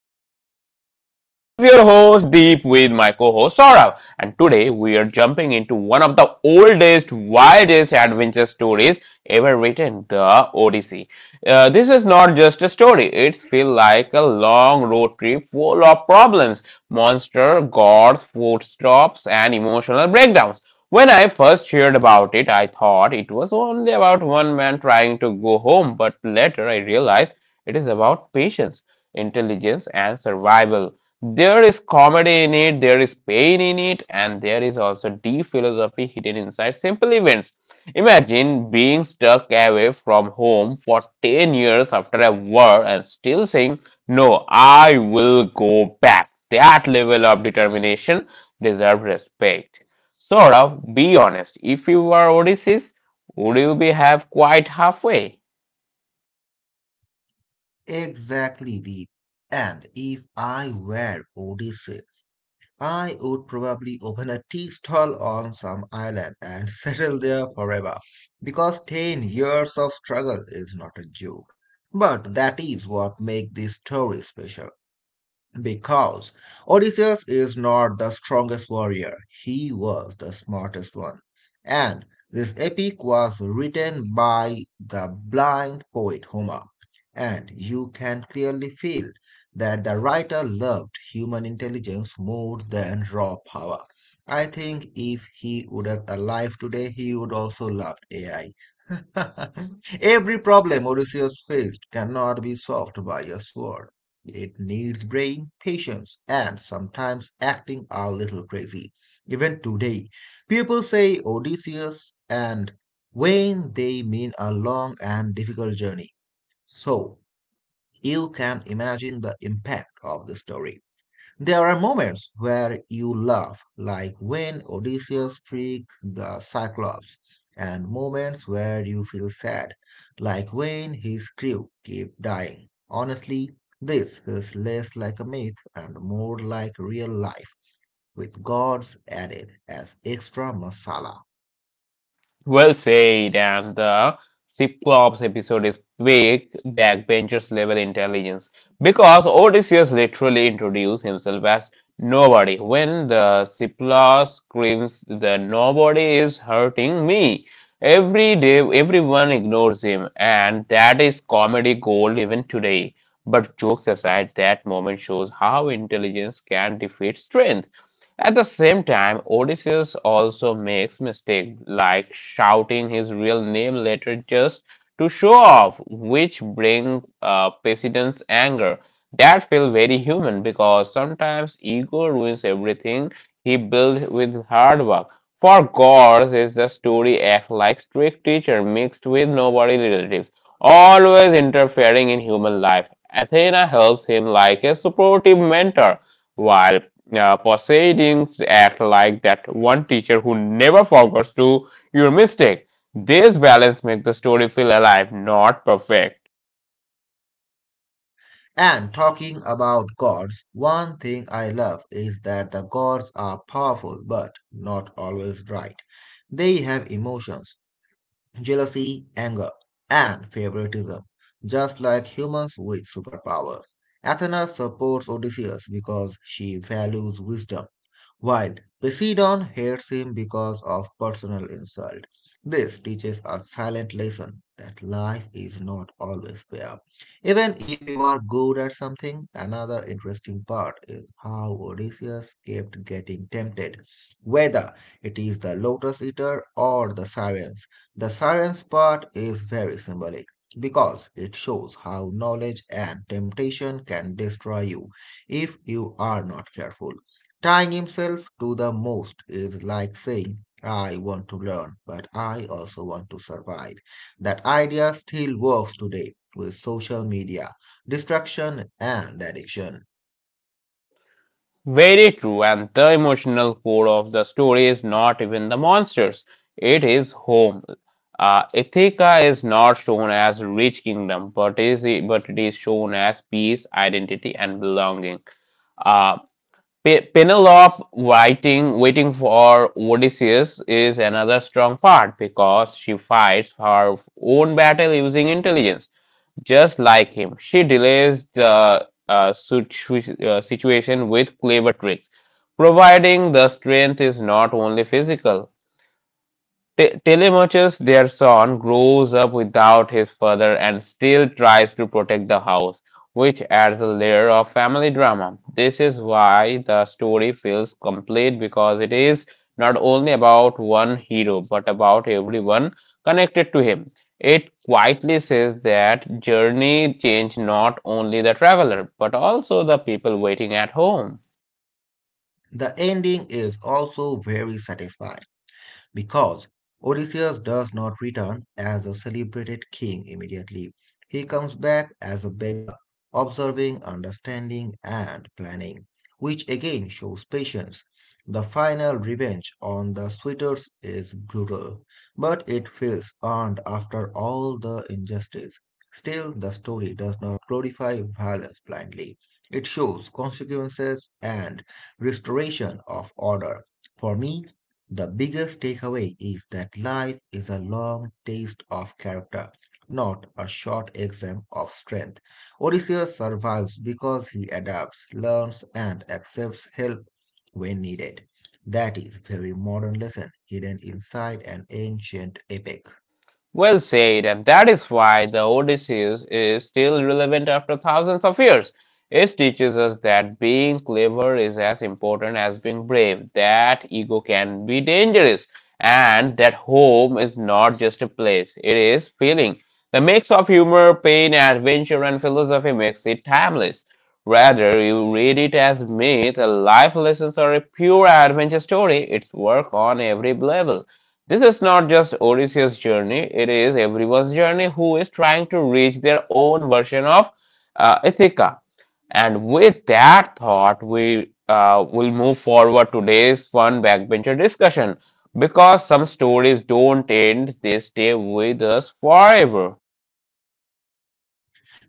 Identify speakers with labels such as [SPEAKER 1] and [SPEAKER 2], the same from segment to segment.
[SPEAKER 1] The Backbenchers. This is your host Deep with my co-host Saurav, and today we are jumping into one of the oldest, wildest adventure stories ever written, The Odyssey. This is not just a story; it feels like a long road trip full of problems, monster, gods, food stops, and emotional breakdowns. When I first heard about it, I thought it was only about one man trying to go home, but later I realized it is about patience intelligence, and survival. There is comedy in it, there is pain in it, and there is also deep philosophy hidden inside simple events. Imagine being stuck away from home for 10 years after a war and still saying, No, I will go back. That level of determination deserves respect. Sort of, be honest. If you were Odysseus, would you be have quite halfway?
[SPEAKER 2] Exactly, Deep. And if I were Odysseus, I would probably open a tea stall on some island and settle there forever. Because 10 years of struggle is not a joke. But that is what makes this story special. Because Odysseus is not the strongest warrior, he was the smartest one. And this epic was written by the blind poet Homer, and you can clearly feel that the writer loved human intelligence more than raw power. I think if he would have alive today, he would also love AI. Every problem Odysseus faced cannot be solved by a sword. It needs brain, patience, and sometimes acting a little crazy. Even today, people say Odysseus and when they mean a long and difficult journey. So, you can imagine the impact of the story. There are moments where you laugh, like when Odysseus tricked the Cyclops, and moments where you feel sad, like when his crew keep dying. Honestly, this is less like a myth and more like real life, with gods added as extra masala.
[SPEAKER 1] Well said, and the Cyclops episode is quick backbenchers level intelligence because Odysseus literally introduced himself as nobody. When the Cyclops screams, "The nobody is hurting me," every day everyone ignores him, and that is comedy gold even today. But jokes aside, that moment shows how intelligence can defeat strength. At the same time, Odysseus also makes mistakes like shouting his real name later just to show off, which bring Poseidon's anger. That feel very human because sometimes ego ruins everything he built with hard work. For gods, is the story act like strict teacher mixed with nobody relatives, always interfering in human life. Athena helps him like a supportive mentor. While proceedings act like that one teacher who never forgets to your mistake. This balance makes the story feel alive, not perfect.
[SPEAKER 2] And talking about gods, one thing I love is that the gods are powerful but not always right. They have emotions jealousy, anger, and favoritism, just like humans with superpowers. Athena supports Odysseus because she values wisdom, while Poseidon hates him because of personal insult, this teaches a silent lesson that life is not always fair. Even if you are good at something, another interesting part is how Odysseus kept getting tempted, whether it is the lotus eater or the sirens. The sirens part is very symbolic because it shows how knowledge and temptation can destroy you if you are not careful. Tying himself to the mast is like saying, I want to learn, but I also want to survive. That idea still works today with social media, distraction, and addiction.
[SPEAKER 1] Very true, and the emotional core of the story is not even the monsters. It is home. Ithaca is not shown as rich kingdom, but it is shown as peace, identity, and belonging. Uh, Penelope waiting for Odysseus is another strong part because she fights her own battle using intelligence, just like him. She delays the situation with clever tricks, providing the strength is not only physical Telemachus, their son, grows up without his father and still tries to protect the house, which adds a layer of family drama. This is why the story feels complete because it is not only about one hero but about everyone connected to him. It quietly says that journey changed not only the traveler but also the people waiting at home.
[SPEAKER 2] The ending is also very satisfying. Because Odysseus does not return as a celebrated king immediately, he comes back as a beggar, observing, understanding, and planning, which again shows patience. The final revenge on the suitors is brutal, but it feels earned after all the injustice. Still, the story does not glorify violence blindly. It shows consequences and restoration of order. For me, the biggest takeaway is that life is a long taste of character, not a short exam of strength. Odysseus survives because he adapts, learns, and accepts help when needed. That is very modern lesson hidden inside an ancient epic.
[SPEAKER 1] Well said, and that is why the Odysseus is still relevant after thousands of years. It teaches us that being clever is as important as being brave, that ego can be dangerous, and that home is not just a place, it is feeling. The mix of humor, pain, adventure, and philosophy makes it timeless. Rather, you read it as myth, a life lesson, or a pure adventure story, it's work on every level. This is not just Odysseus' journey, it is everyone's journey who is trying to reach their own version of Ithaca. And with that thought, we will move forward today's fun backbencher discussion because some stories don't end, they stay with us forever.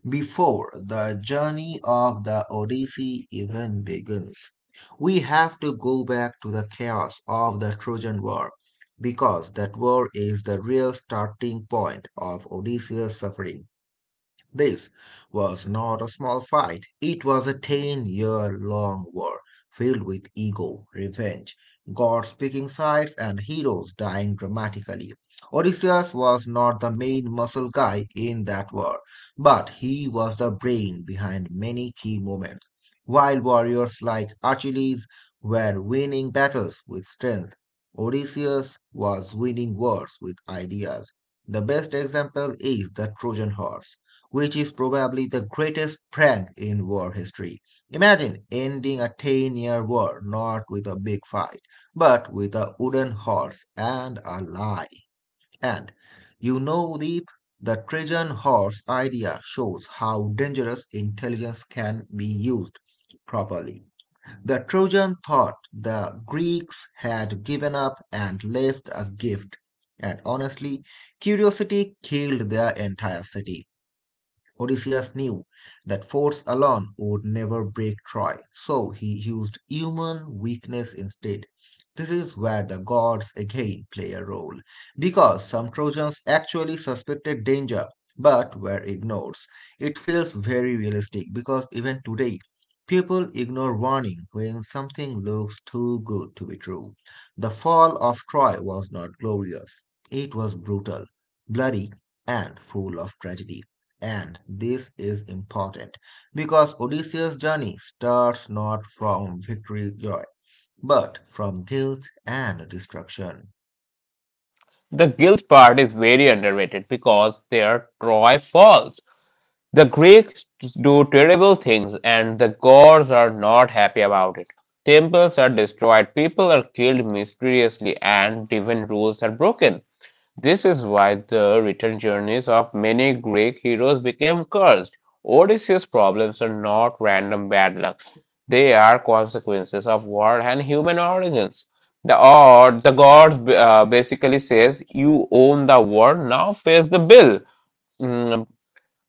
[SPEAKER 2] Before the journey of the Odyssey even begins, we have to go back to the chaos of the Trojan War, because that war is the real starting point of Odysseus' suffering. This was not a small fight. It was a 10 year long war filled with ego, revenge, gods picking sides, and heroes dying dramatically. Odysseus was not the main muscle guy in that war, but he was the brain behind many key moments. While warriors like Achilles were winning battles with strength, Odysseus was winning wars with ideas. The best example is the Trojan horse which is probably the greatest prank in war history. Imagine ending a 10-year war not with a big fight, but with a wooden horse and a lie. And you know, Deep, the Trojan horse idea shows how dangerous intelligence can be used properly. The Trojan thought the Greeks had given up and left a gift, and honestly, curiosity killed their entire city. Odysseus knew that force alone would never break Troy, so he used human weakness instead. This is where the gods again play a role, because some Trojans actually suspected danger but were ignored. It feels very realistic because even today, people ignore warning when something looks too good to be true. The fall of Troy was not glorious, it was brutal, bloody, and full of tragedy. And this is important because Odysseus' journey starts not from victory joy, but from guilt and destruction.
[SPEAKER 1] The guilt part is very underrated because their Troy falls. The Greeks do terrible things and the gods are not happy about it. Temples are destroyed, people are killed mysteriously, and divine rules are broken. This is why the return journeys of many Greek heroes became cursed. Odysseus' problems are not random bad luck. They are consequences of war and human origins. The gods basically says, you own the war, now face the bill. Mm,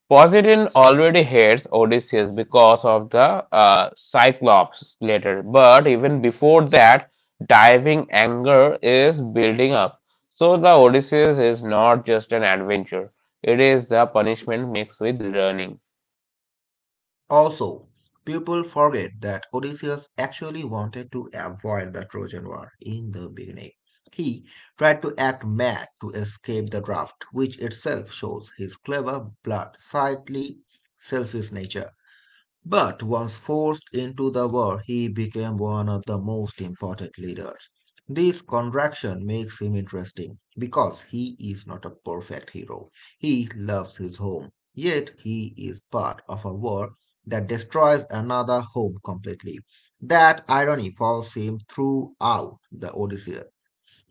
[SPEAKER 1] Poseidon already hates Odysseus because of the Cyclops later, but even before that, diving anger is building up. So the Odysseus is not just an adventure; it is the punishment mixed with learning.
[SPEAKER 2] Also, people forget that Odysseus actually wanted to avoid the Trojan War in the beginning. He tried to act mad to escape the draft, which itself shows his clever, blood-slightly selfish nature. But once forced into the war, he became one of the most important leaders. This contraction makes him interesting because he is not a perfect hero. He loves his home, yet he is part of a war that destroys another home completely. That irony follows him throughout the Odyssey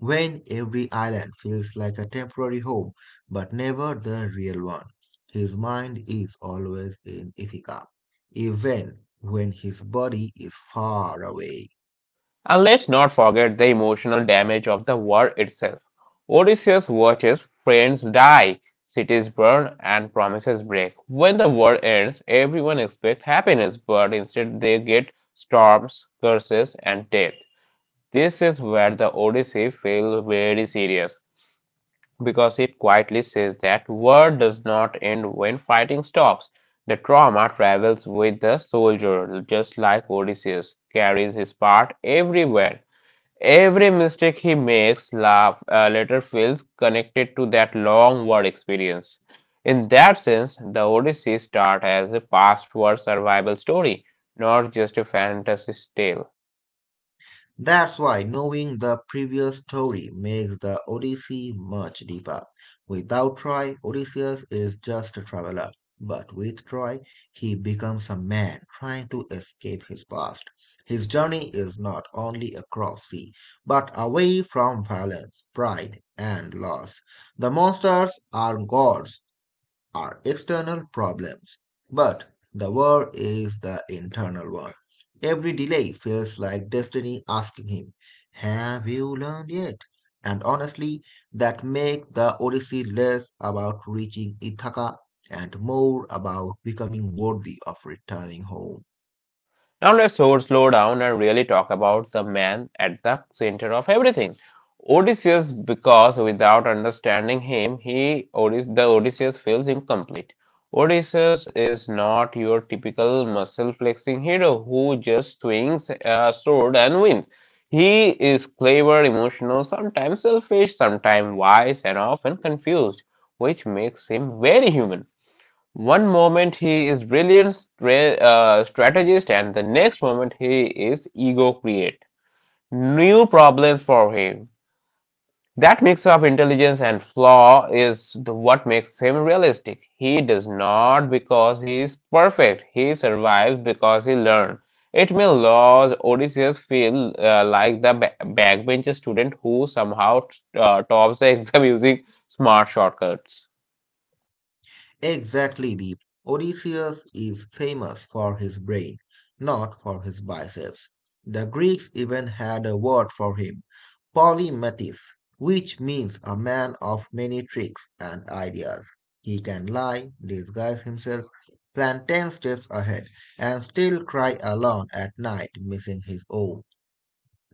[SPEAKER 2] when every island feels like a temporary home, but never the real one. His mind is always in Ithaca, even when his body is far away.
[SPEAKER 1] And let's not forget the emotional damage of the war itself. Odysseus watches friends die, cities burn, and promises break. When the war ends, everyone expects happiness, but instead they get storms, curses, and death. This is where the Odyssey feels very serious because it quietly says that war does not end when fighting stops. The trauma travels with the soldier, just like Odysseus carries his part everywhere. Every mistake he makes laugh, later feels connected to that long war experience. In that sense, the Odyssey starts as a past war survival story, not just a fantasy tale.
[SPEAKER 2] That's why knowing the previous story makes the Odyssey much deeper. Without Troy, Odysseus is just a traveler. But with Troy, he becomes a man trying to escape his past. His journey is not only across sea, but away from violence, pride, and loss. The monsters are gods are external problems, but the war is the internal one. Every delay feels like destiny asking him, have you learned yet? And honestly, that makes the Odyssey less about reaching Ithaca and more about becoming worthy of returning home.
[SPEAKER 1] Now let's slow, down and really talk about the man at the center of everything. Odysseus, because without understanding him, he the Odysseus feels incomplete. Odysseus is not your typical muscle flexing hero who just swings a sword and wins. He is clever, emotional, sometimes selfish, sometimes wise, and often confused, which makes him very human. One moment he is brilliant strategist, and the next moment he is ego create new problems for him. That mix of intelligence and flaw is what makes him realistic. He does not because he is perfect. He survives because he learned. It may laws Odysseus feel like the backbench student who somehow tops the exam using smart shortcuts.
[SPEAKER 2] Exactly, the Odysseus is famous for his brain, not for his biceps. The Greeks even had a word for him polymathist, which means a man of many tricks and ideas. He can lie, disguise himself, plan ten steps ahead, and still cry alone at night, missing his own.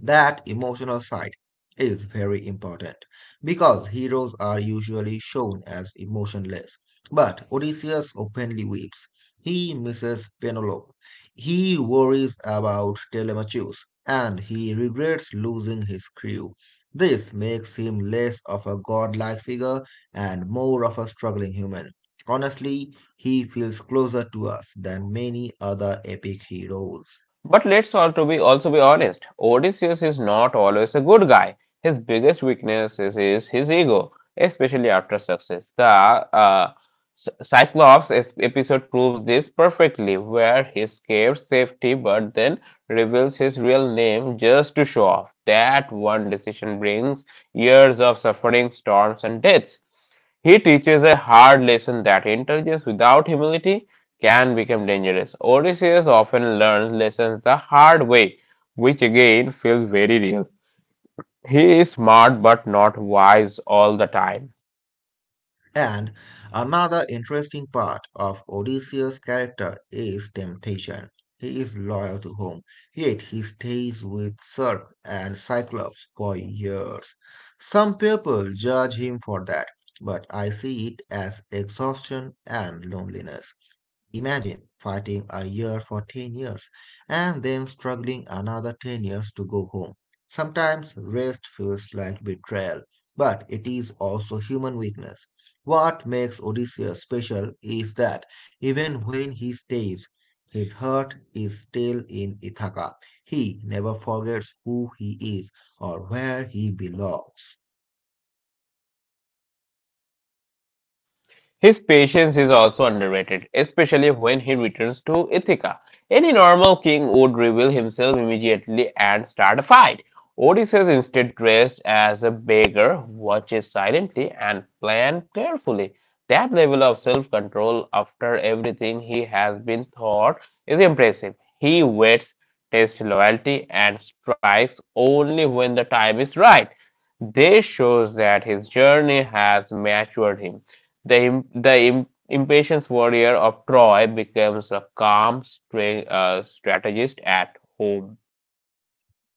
[SPEAKER 2] That emotional side is very important because heroes are usually shown as emotionless. But Odysseus openly weeps. He misses Penelope. He worries about Telemachus and he regrets losing his crew. This makes him less of a godlike figure and more of a struggling human. Honestly, he feels closer to us than many other epic heroes.
[SPEAKER 1] But let's also be honest, Odysseus is not always a good guy. His biggest weakness is his ego, especially after success. The Cyclops episode proves this perfectly, where he escapes safety but then reveals his real name just to show off. That one decision brings years of suffering, storms, and deaths. He teaches a hard lesson that intelligence without humility can become dangerous. Odysseus often learns lessons the hard way, which again feels very real. He is smart but not wise all the time.
[SPEAKER 2] And another interesting part of Odysseus' character is temptation. He is loyal to home, yet he stays with Circe and Cyclops for years. Some people judge him for that, but I see it as exhaustion and loneliness. Imagine fighting a year for 10 years and then struggling another 10 years to go home. Sometimes rest feels like betrayal, but it is also human weakness. What makes Odysseus special is that even when he stays, his heart is still in Ithaca. He never forgets who he is or where he belongs.
[SPEAKER 1] His patience is also underrated, especially when he returns to Ithaca. Any normal king would reveal himself immediately and start a fight. Odysseus, instead dressed as a beggar, watches silently and plans carefully. That level of self control after everything he has been taught is impressive. He waits, tests loyalty, and strikes only when the time is right. This shows that his journey has matured him. The impatient warrior of Troy becomes a calm strategist at home.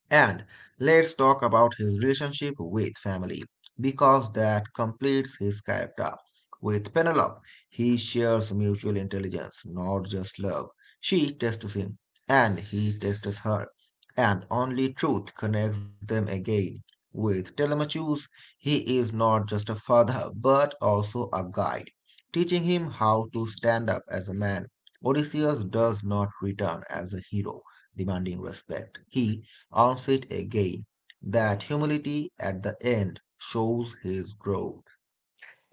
[SPEAKER 2] And let's talk about his relationship with family, because that completes his character. With Penelope, he shares mutual intelligence, not just love. She tests him, and he tests her, and only truth connects them again. With Telemachus, he is not just a father, but also a guide, teaching him how to stand up as a man. Odysseus does not return as a hero, demanding respect. He earns it again. That humility at the end shows his growth.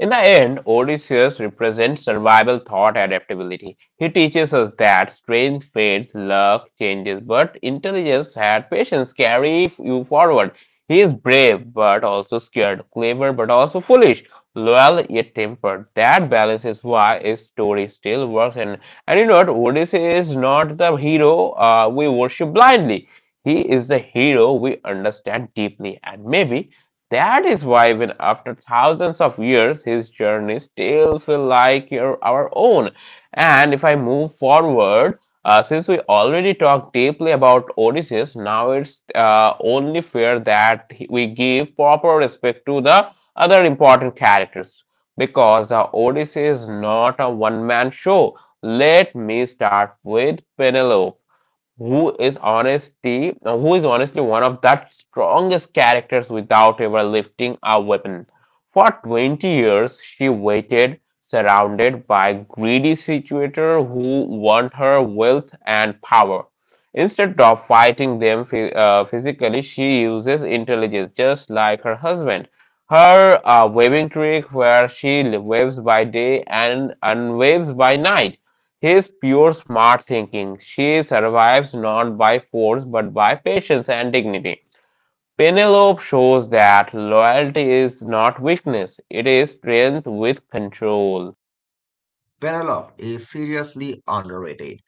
[SPEAKER 1] In the end, Odysseus represents survival thought adaptability. He teaches us that strength fades, luck changes, but intelligence and patience carry you forward. He is brave but also scared, clever but also foolish, loyal yet tempered. That balance is why his story still works. And you know what? Odysseus is not the hero we worship blindly. He is the hero we understand deeply, and maybe that is why when after thousands of years, his journey still feel like our own. And if I move forward, since we already talked deeply about Odysseus, now it's only fair that we give proper respect to the other important characters because the Odyssey is not a one-man show. Let me start with Penelope who is honestly one of the strongest characters without ever lifting a weapon for 20 years she waited surrounded by greedy situator who want her wealth and power instead of fighting them physically she uses intelligence just like her husband her waving trick where she waves by day and unwaves by night his pure smart thinking. She survives not by force but by patience and dignity. Penelope shows that loyalty is not weakness, it is strength with control.
[SPEAKER 2] Penelope is seriously underrated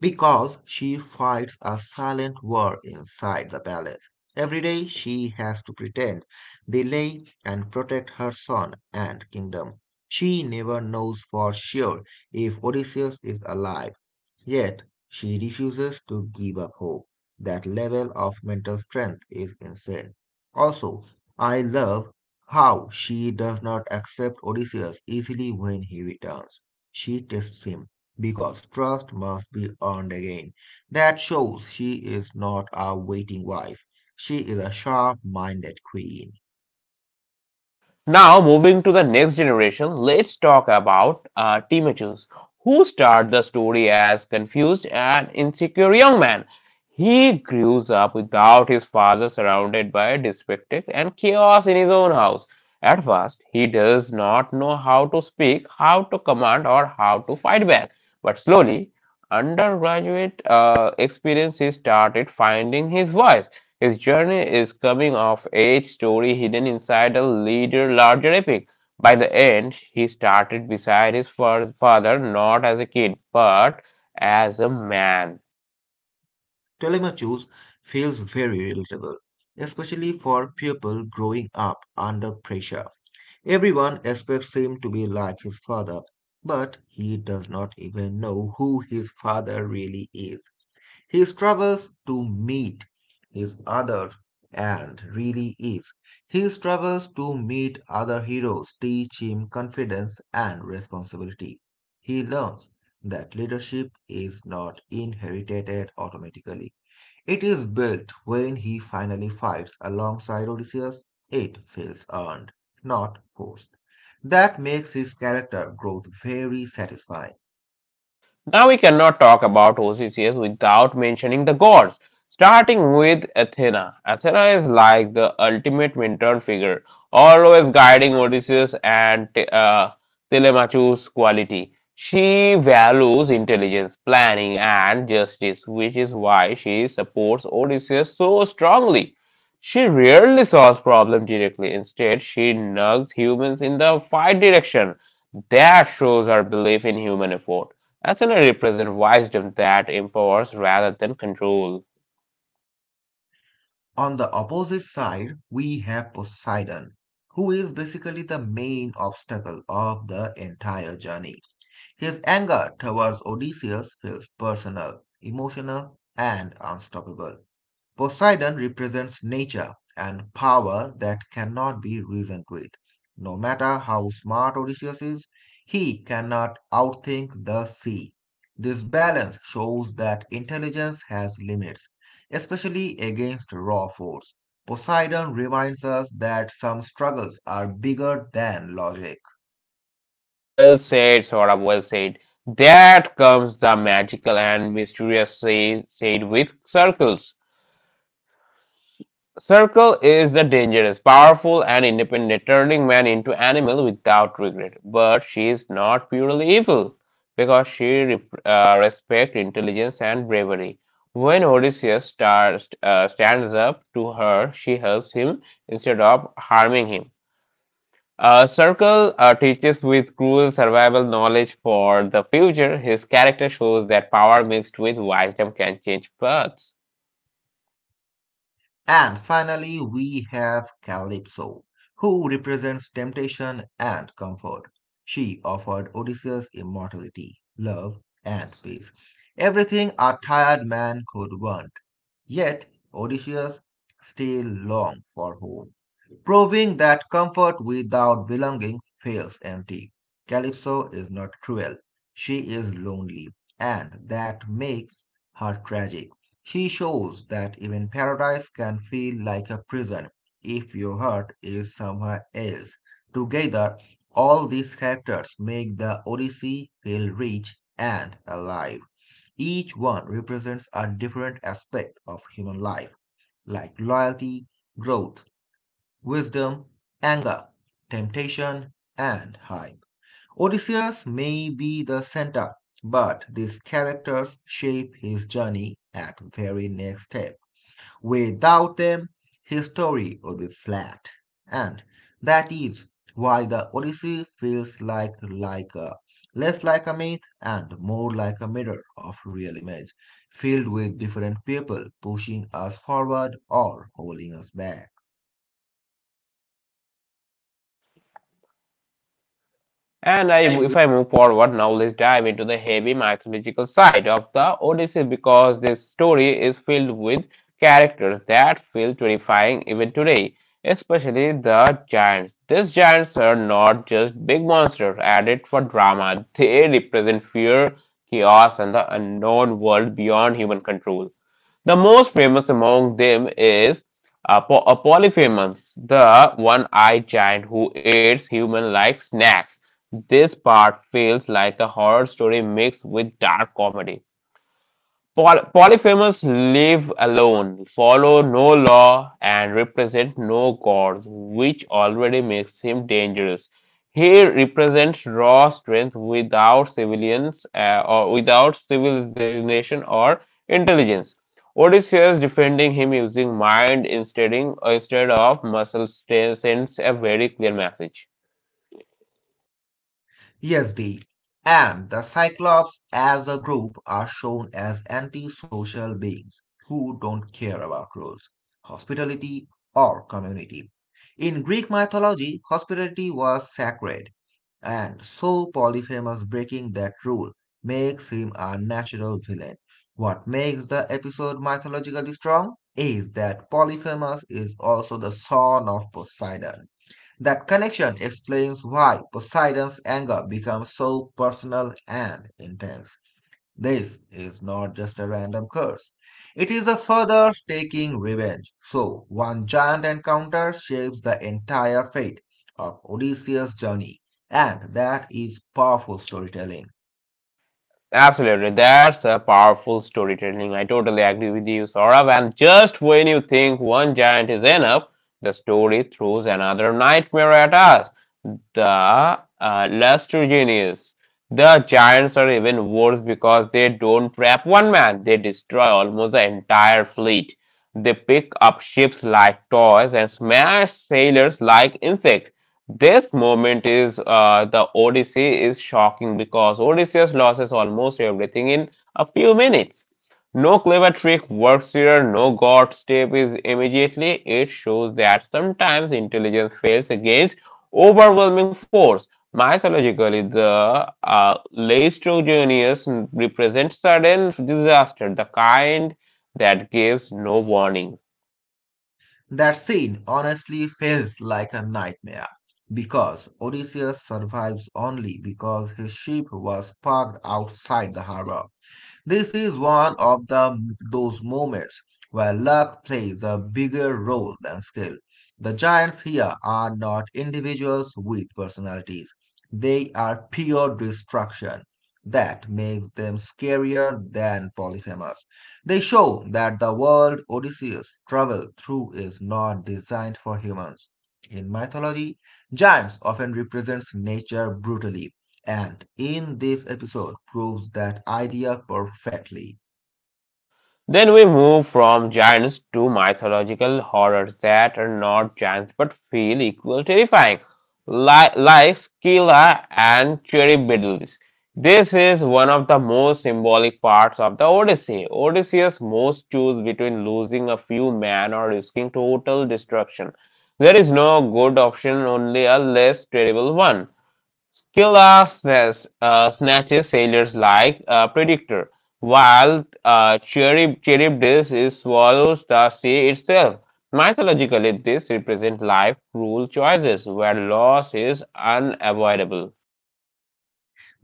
[SPEAKER 2] because she fights a silent war inside the palace. Every day she has to pretend, delay, and protect her son and kingdom. She never knows for sure if Odysseus is alive. Yet she refuses to give up hope. That level of mental strength is insane. Also, I love how she does not accept Odysseus easily when he returns. She tests him because trust must be earned again. That shows she is not a waiting wife. She is a sharp-minded queen.
[SPEAKER 1] Now, moving to the next generation, let's talk about Timotheus, who started the story as confused and insecure young man. He grew up without his father, surrounded by dyspraxia and chaos in his own house. At first, he does not know how to speak, how to command, or how to fight back. But slowly, undergraduate experience, he started finding his voice. His journey is coming-of-age story hidden inside a leader larger epic. By the end, he started beside his father not as a kid, but as a man.
[SPEAKER 2] Telemachus feels very relatable, especially for people growing up under pressure. Everyone expects him to be like his father, but he does not even know who his father really is. He struggles to meet his other and really is. He struggles to meet other heroes, teach him confidence and responsibility. He learns that leadership is not inherited automatically. It is built when he finally fights alongside Odysseus. It feels earned, not forced. That makes his character growth very satisfying.
[SPEAKER 1] Now we cannot talk about Odysseus without mentioning the gods, starting with Athena. Athena is like the ultimate mentor figure, always guiding Odysseus and Telemachus' quality. She values intelligence, planning, and justice, which is why she supports Odysseus so strongly. She rarely solves problems directly. Instead, she nugs humans in the right direction. That shows her belief in human effort actually represent wisdom that empowers rather than control.
[SPEAKER 2] On the opposite side, we have Poseidon, who is basically the main obstacle of the entire journey. His anger towards Odysseus feels personal, emotional, and unstoppable. Poseidon represents nature and power that cannot be reasoned with. No matter how smart Odysseus is, he cannot outthink the sea. This balance shows that intelligence has limits, especially against raw force. Poseidon reminds us that some struggles are bigger than logic.
[SPEAKER 1] Well said, Saurabh, well said. That comes the magical and mysterious said with circles. Circle is the dangerous, powerful, and independent, turning man into animal without regret. But she is not purely evil, because she respects intelligence and bravery. When Odysseus stands up to her, she helps him instead of harming him. Circle teaches with cruel survival knowledge for the future. His character shows that power mixed with wisdom can change paths.
[SPEAKER 2] And finally, we have Calypso, who represents temptation and comfort. She offered Odysseus immortality, love, and peace. Everything a tired man could want. Yet Odysseus still longed for home, proving that comfort without belonging feels empty. Calypso is not cruel, she is lonely, and that makes her tragic. She shows that even paradise can feel like a prison if your heart is somewhere else. Together, all these characters make the Odyssey feel rich and alive. Each one represents a different aspect of human life, like loyalty, growth, wisdom, anger, temptation, and hype. Odysseus may be the center, but these characters shape his journey at the very next step. Without them, his story would be flat. And that is why the Odyssey feels like a less like a myth and more like a mirror of real image, filled with different people pushing us forward or holding us back.
[SPEAKER 1] And
[SPEAKER 2] And
[SPEAKER 1] I,
[SPEAKER 2] I.
[SPEAKER 1] if I move forward, now let's dive into the heavy mythological side of the Odyssey, because this story is filled with characters that feel terrifying even today, especially the giants. These giants are not just big monsters added for drama, they represent fear, chaos, and the unknown world beyond human control. The most famous among them is Apolyphemus, the one-eyed giant who eats human-like snacks. This part feels like a horror story mixed with dark comedy. Polyphemous live alone, follow no law, and represent no gods, which already makes him dangerous. He represents raw strength without civilians, or without civilization or intelligence. Odysseus defending him using mind instead of muscle sends a very clear message.
[SPEAKER 2] Yes, D. And the Cyclops as a group are shown as antisocial beings who don't care about rules, hospitality, or community. In Greek mythology, hospitality was sacred, and so Polyphemus breaking that rule makes him a natural villain. What makes the episode mythologically strong is that Polyphemus is also the son of Poseidon. That connection explains why Poseidon's anger becomes so personal and intense. This is not just a random curse. It is a further taking revenge. So, one giant encounter shapes the entire fate of Odysseus' journey, and that is powerful storytelling.
[SPEAKER 1] Absolutely, that's a powerful storytelling. I totally agree with you, Saurabh. And just when you think one giant is enough, the story throws another nightmare at us. The Luster Genius. The giants are even worse because they don't trap one man, they destroy almost the entire fleet. They pick up ships like toys and smash sailors like insects. This moment is, the Odyssey is shocking because Odysseus loses almost everything in a few minutes. No clever trick works here, no god step is immediately. It shows that sometimes intelligence fails against overwhelming force. Mythologically, the Laestrogenius represents sudden disaster, the kind that gives no warning.
[SPEAKER 2] That scene honestly feels like a nightmare because Odysseus survives only because his ship was parked outside the harbor. This is one of the those moments where luck plays a bigger role than skill. The giants here are not individuals with personalities. They are pure destruction. That makes them scarier than Polyphemus. They show that the world Odysseus traveled through is not designed for humans. In mythology, giants often represent nature brutally, and in this episode proves that idea perfectly.
[SPEAKER 1] Then we move from giants to mythological horrors that are not giants but feel equally terrifying, like Scylla and Charybdis. This is one of the most symbolic parts of the Odyssey. Odysseus must choose between losing a few men or risking total destruction. There is no good option, only a less terrible one. Scylla snatches sailors like a predictor, while Charybdis is swallows the sea itself. Mythologically, this represents life cruel choices where loss is unavoidable.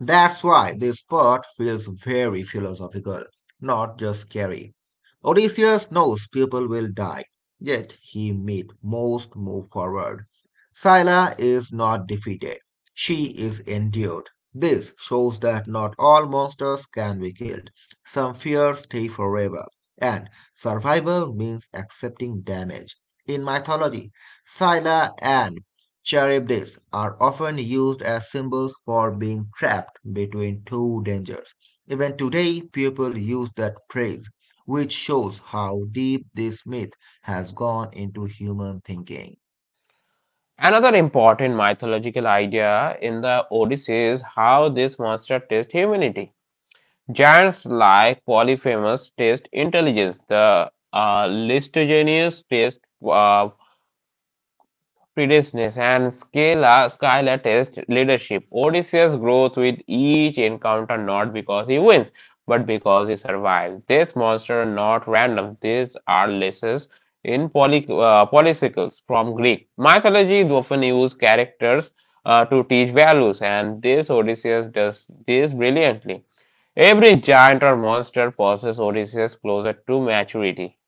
[SPEAKER 2] That's why this part feels very philosophical, not just scary. Odysseus knows people will die, yet he made most move forward. Scylla is not defeated, she is endured. This shows that not all monsters can be killed. Some fears stay forever, and survival means accepting damage. In mythology, Scylla and Cherubics are often used as symbols for being trapped between two dangers. Even today, people use that phrase, which shows how deep this myth has gone into human thinking.
[SPEAKER 1] Another important mythological idea in the Odyssey is how this monster tastes humanity. Giants like Polyphemus taste intelligence, the Listigenius taste uh, predaceness, and Skylar test leadership. Odysseus grows with each encounter not because he wins, but because he survives. These monsters are not random. These are lessons in polysycles from Greek mythology. They often use characters to teach values, and this Odysseus does this brilliantly. Every giant or monster passes Odysseus closer to maturity.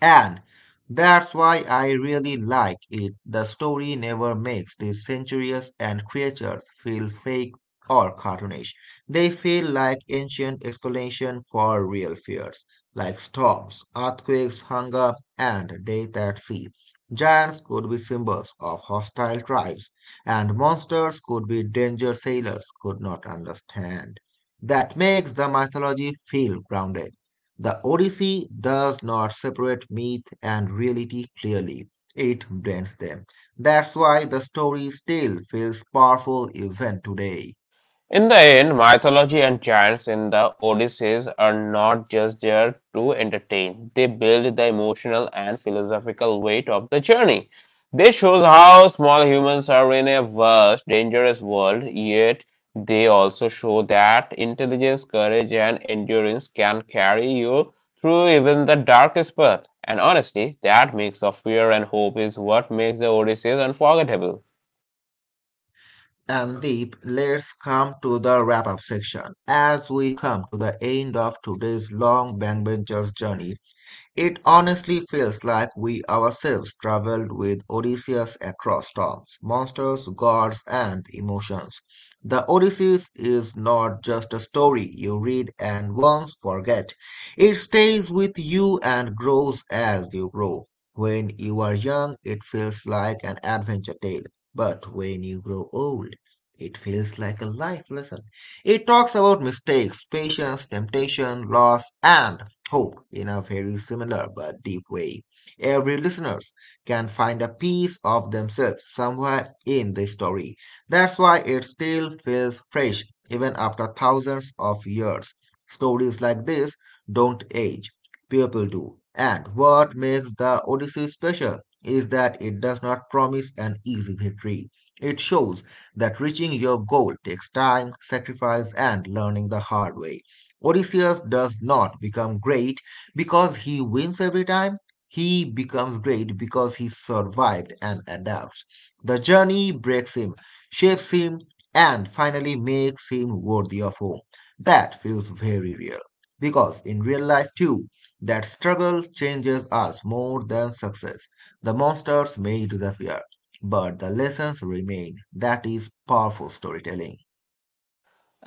[SPEAKER 2] And that's why I really like it. The story never makes these centuries and creatures feel fake or cartoonish. They feel like ancient explanation for real fears, like storms, earthquakes, hunger, and death at sea. Giants could be symbols of hostile tribes, and monsters could be danger sailors could not understand. That makes the mythology feel grounded. The Odyssey does not separate myth and reality clearly, it blends them. That's why the story still feels powerful even today.
[SPEAKER 1] In the end, mythology and giants in the Odysseys are not just there to entertain. They build the emotional and philosophical weight of the journey. This shows how small humans are in a vast, dangerous world, yet they also show that intelligence, courage, and endurance can carry you through even the darkest path. And honestly, that mix of fear and hope is what makes the Odysseys unforgettable.
[SPEAKER 2] And Deep, let's come to the wrap up section. As we come to the end of today's long backbencher's journey, it honestly feels like we ourselves traveled with Odysseus across storms, monsters, gods, and emotions. The Odyssey is not just a story you read and once forget. It stays with you and grows as you grow. When you are young, it feels like an adventure tale, but when you grow old, it feels like a life lesson. It talks about mistakes, patience, temptation, loss, and hope in a very similar but deep way. Every listeners can find a piece of themselves somewhere in the story. That's why it still feels fresh even after thousands of years. Stories like this don't age, people do. And what makes the Odyssey special is that it does not promise an easy victory. It shows that reaching your goal takes time, sacrifice, and learning the hard way. Odysseus does not become great because he wins every time. He becomes great because he survived and adapts. The journey breaks him, shapes him, and finally makes him worthy of home. That feels very real. Because in real life, too, that struggle changes us more than success. The monsters may disappear, but the lessons remain. That is powerful storytelling.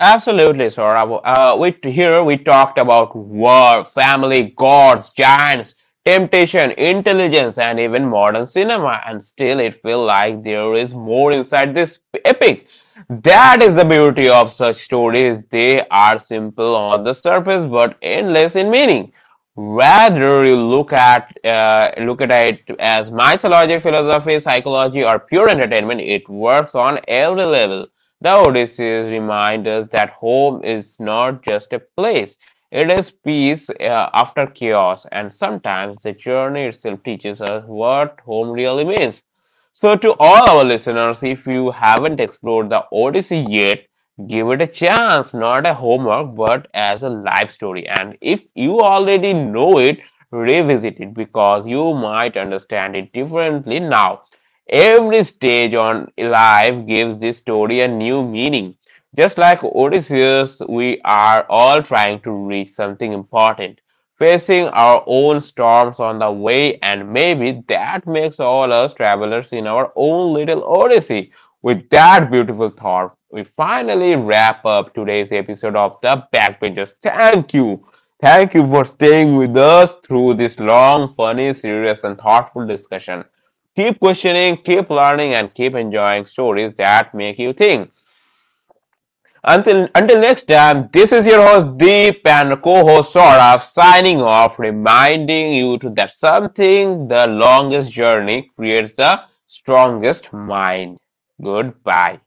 [SPEAKER 1] Absolutely, Saurabh. We talked about war, family, gods, giants, temptation, intelligence, and even modern cinema. And still, it feels like there is more inside this epic. That is the beauty of such stories. They are simple on the surface, but endless in meaning. Whether you look at it as mythology, philosophy, psychology, or pure entertainment, it works on every level. The Odysseus reminds us that home is not just a place, it is peace after chaos, and sometimes the journey itself teaches us what home really means. So, to all our listeners, if you haven't explored the Odyssey yet, give it a chance, not a homework, but as a life story. And if you already know it, revisit it because you might understand it differently now. Every stage on life gives this story a new meaning. Just like Odysseus, we are all trying to reach something important, facing our own storms on the way, and maybe that makes all us travelers in our own little odyssey. With that beautiful thought, we finally wrap up today's episode of The Backbenchers. Thank you. Thank you for staying with us through this long, funny, serious, and thoughtful discussion. Keep questioning, keep learning, and keep enjoying stories that make you think. Until next time, this is your host Deep and co-host Saurabh signing off, reminding you to that something the longest journey creates the strongest mind. Goodbye.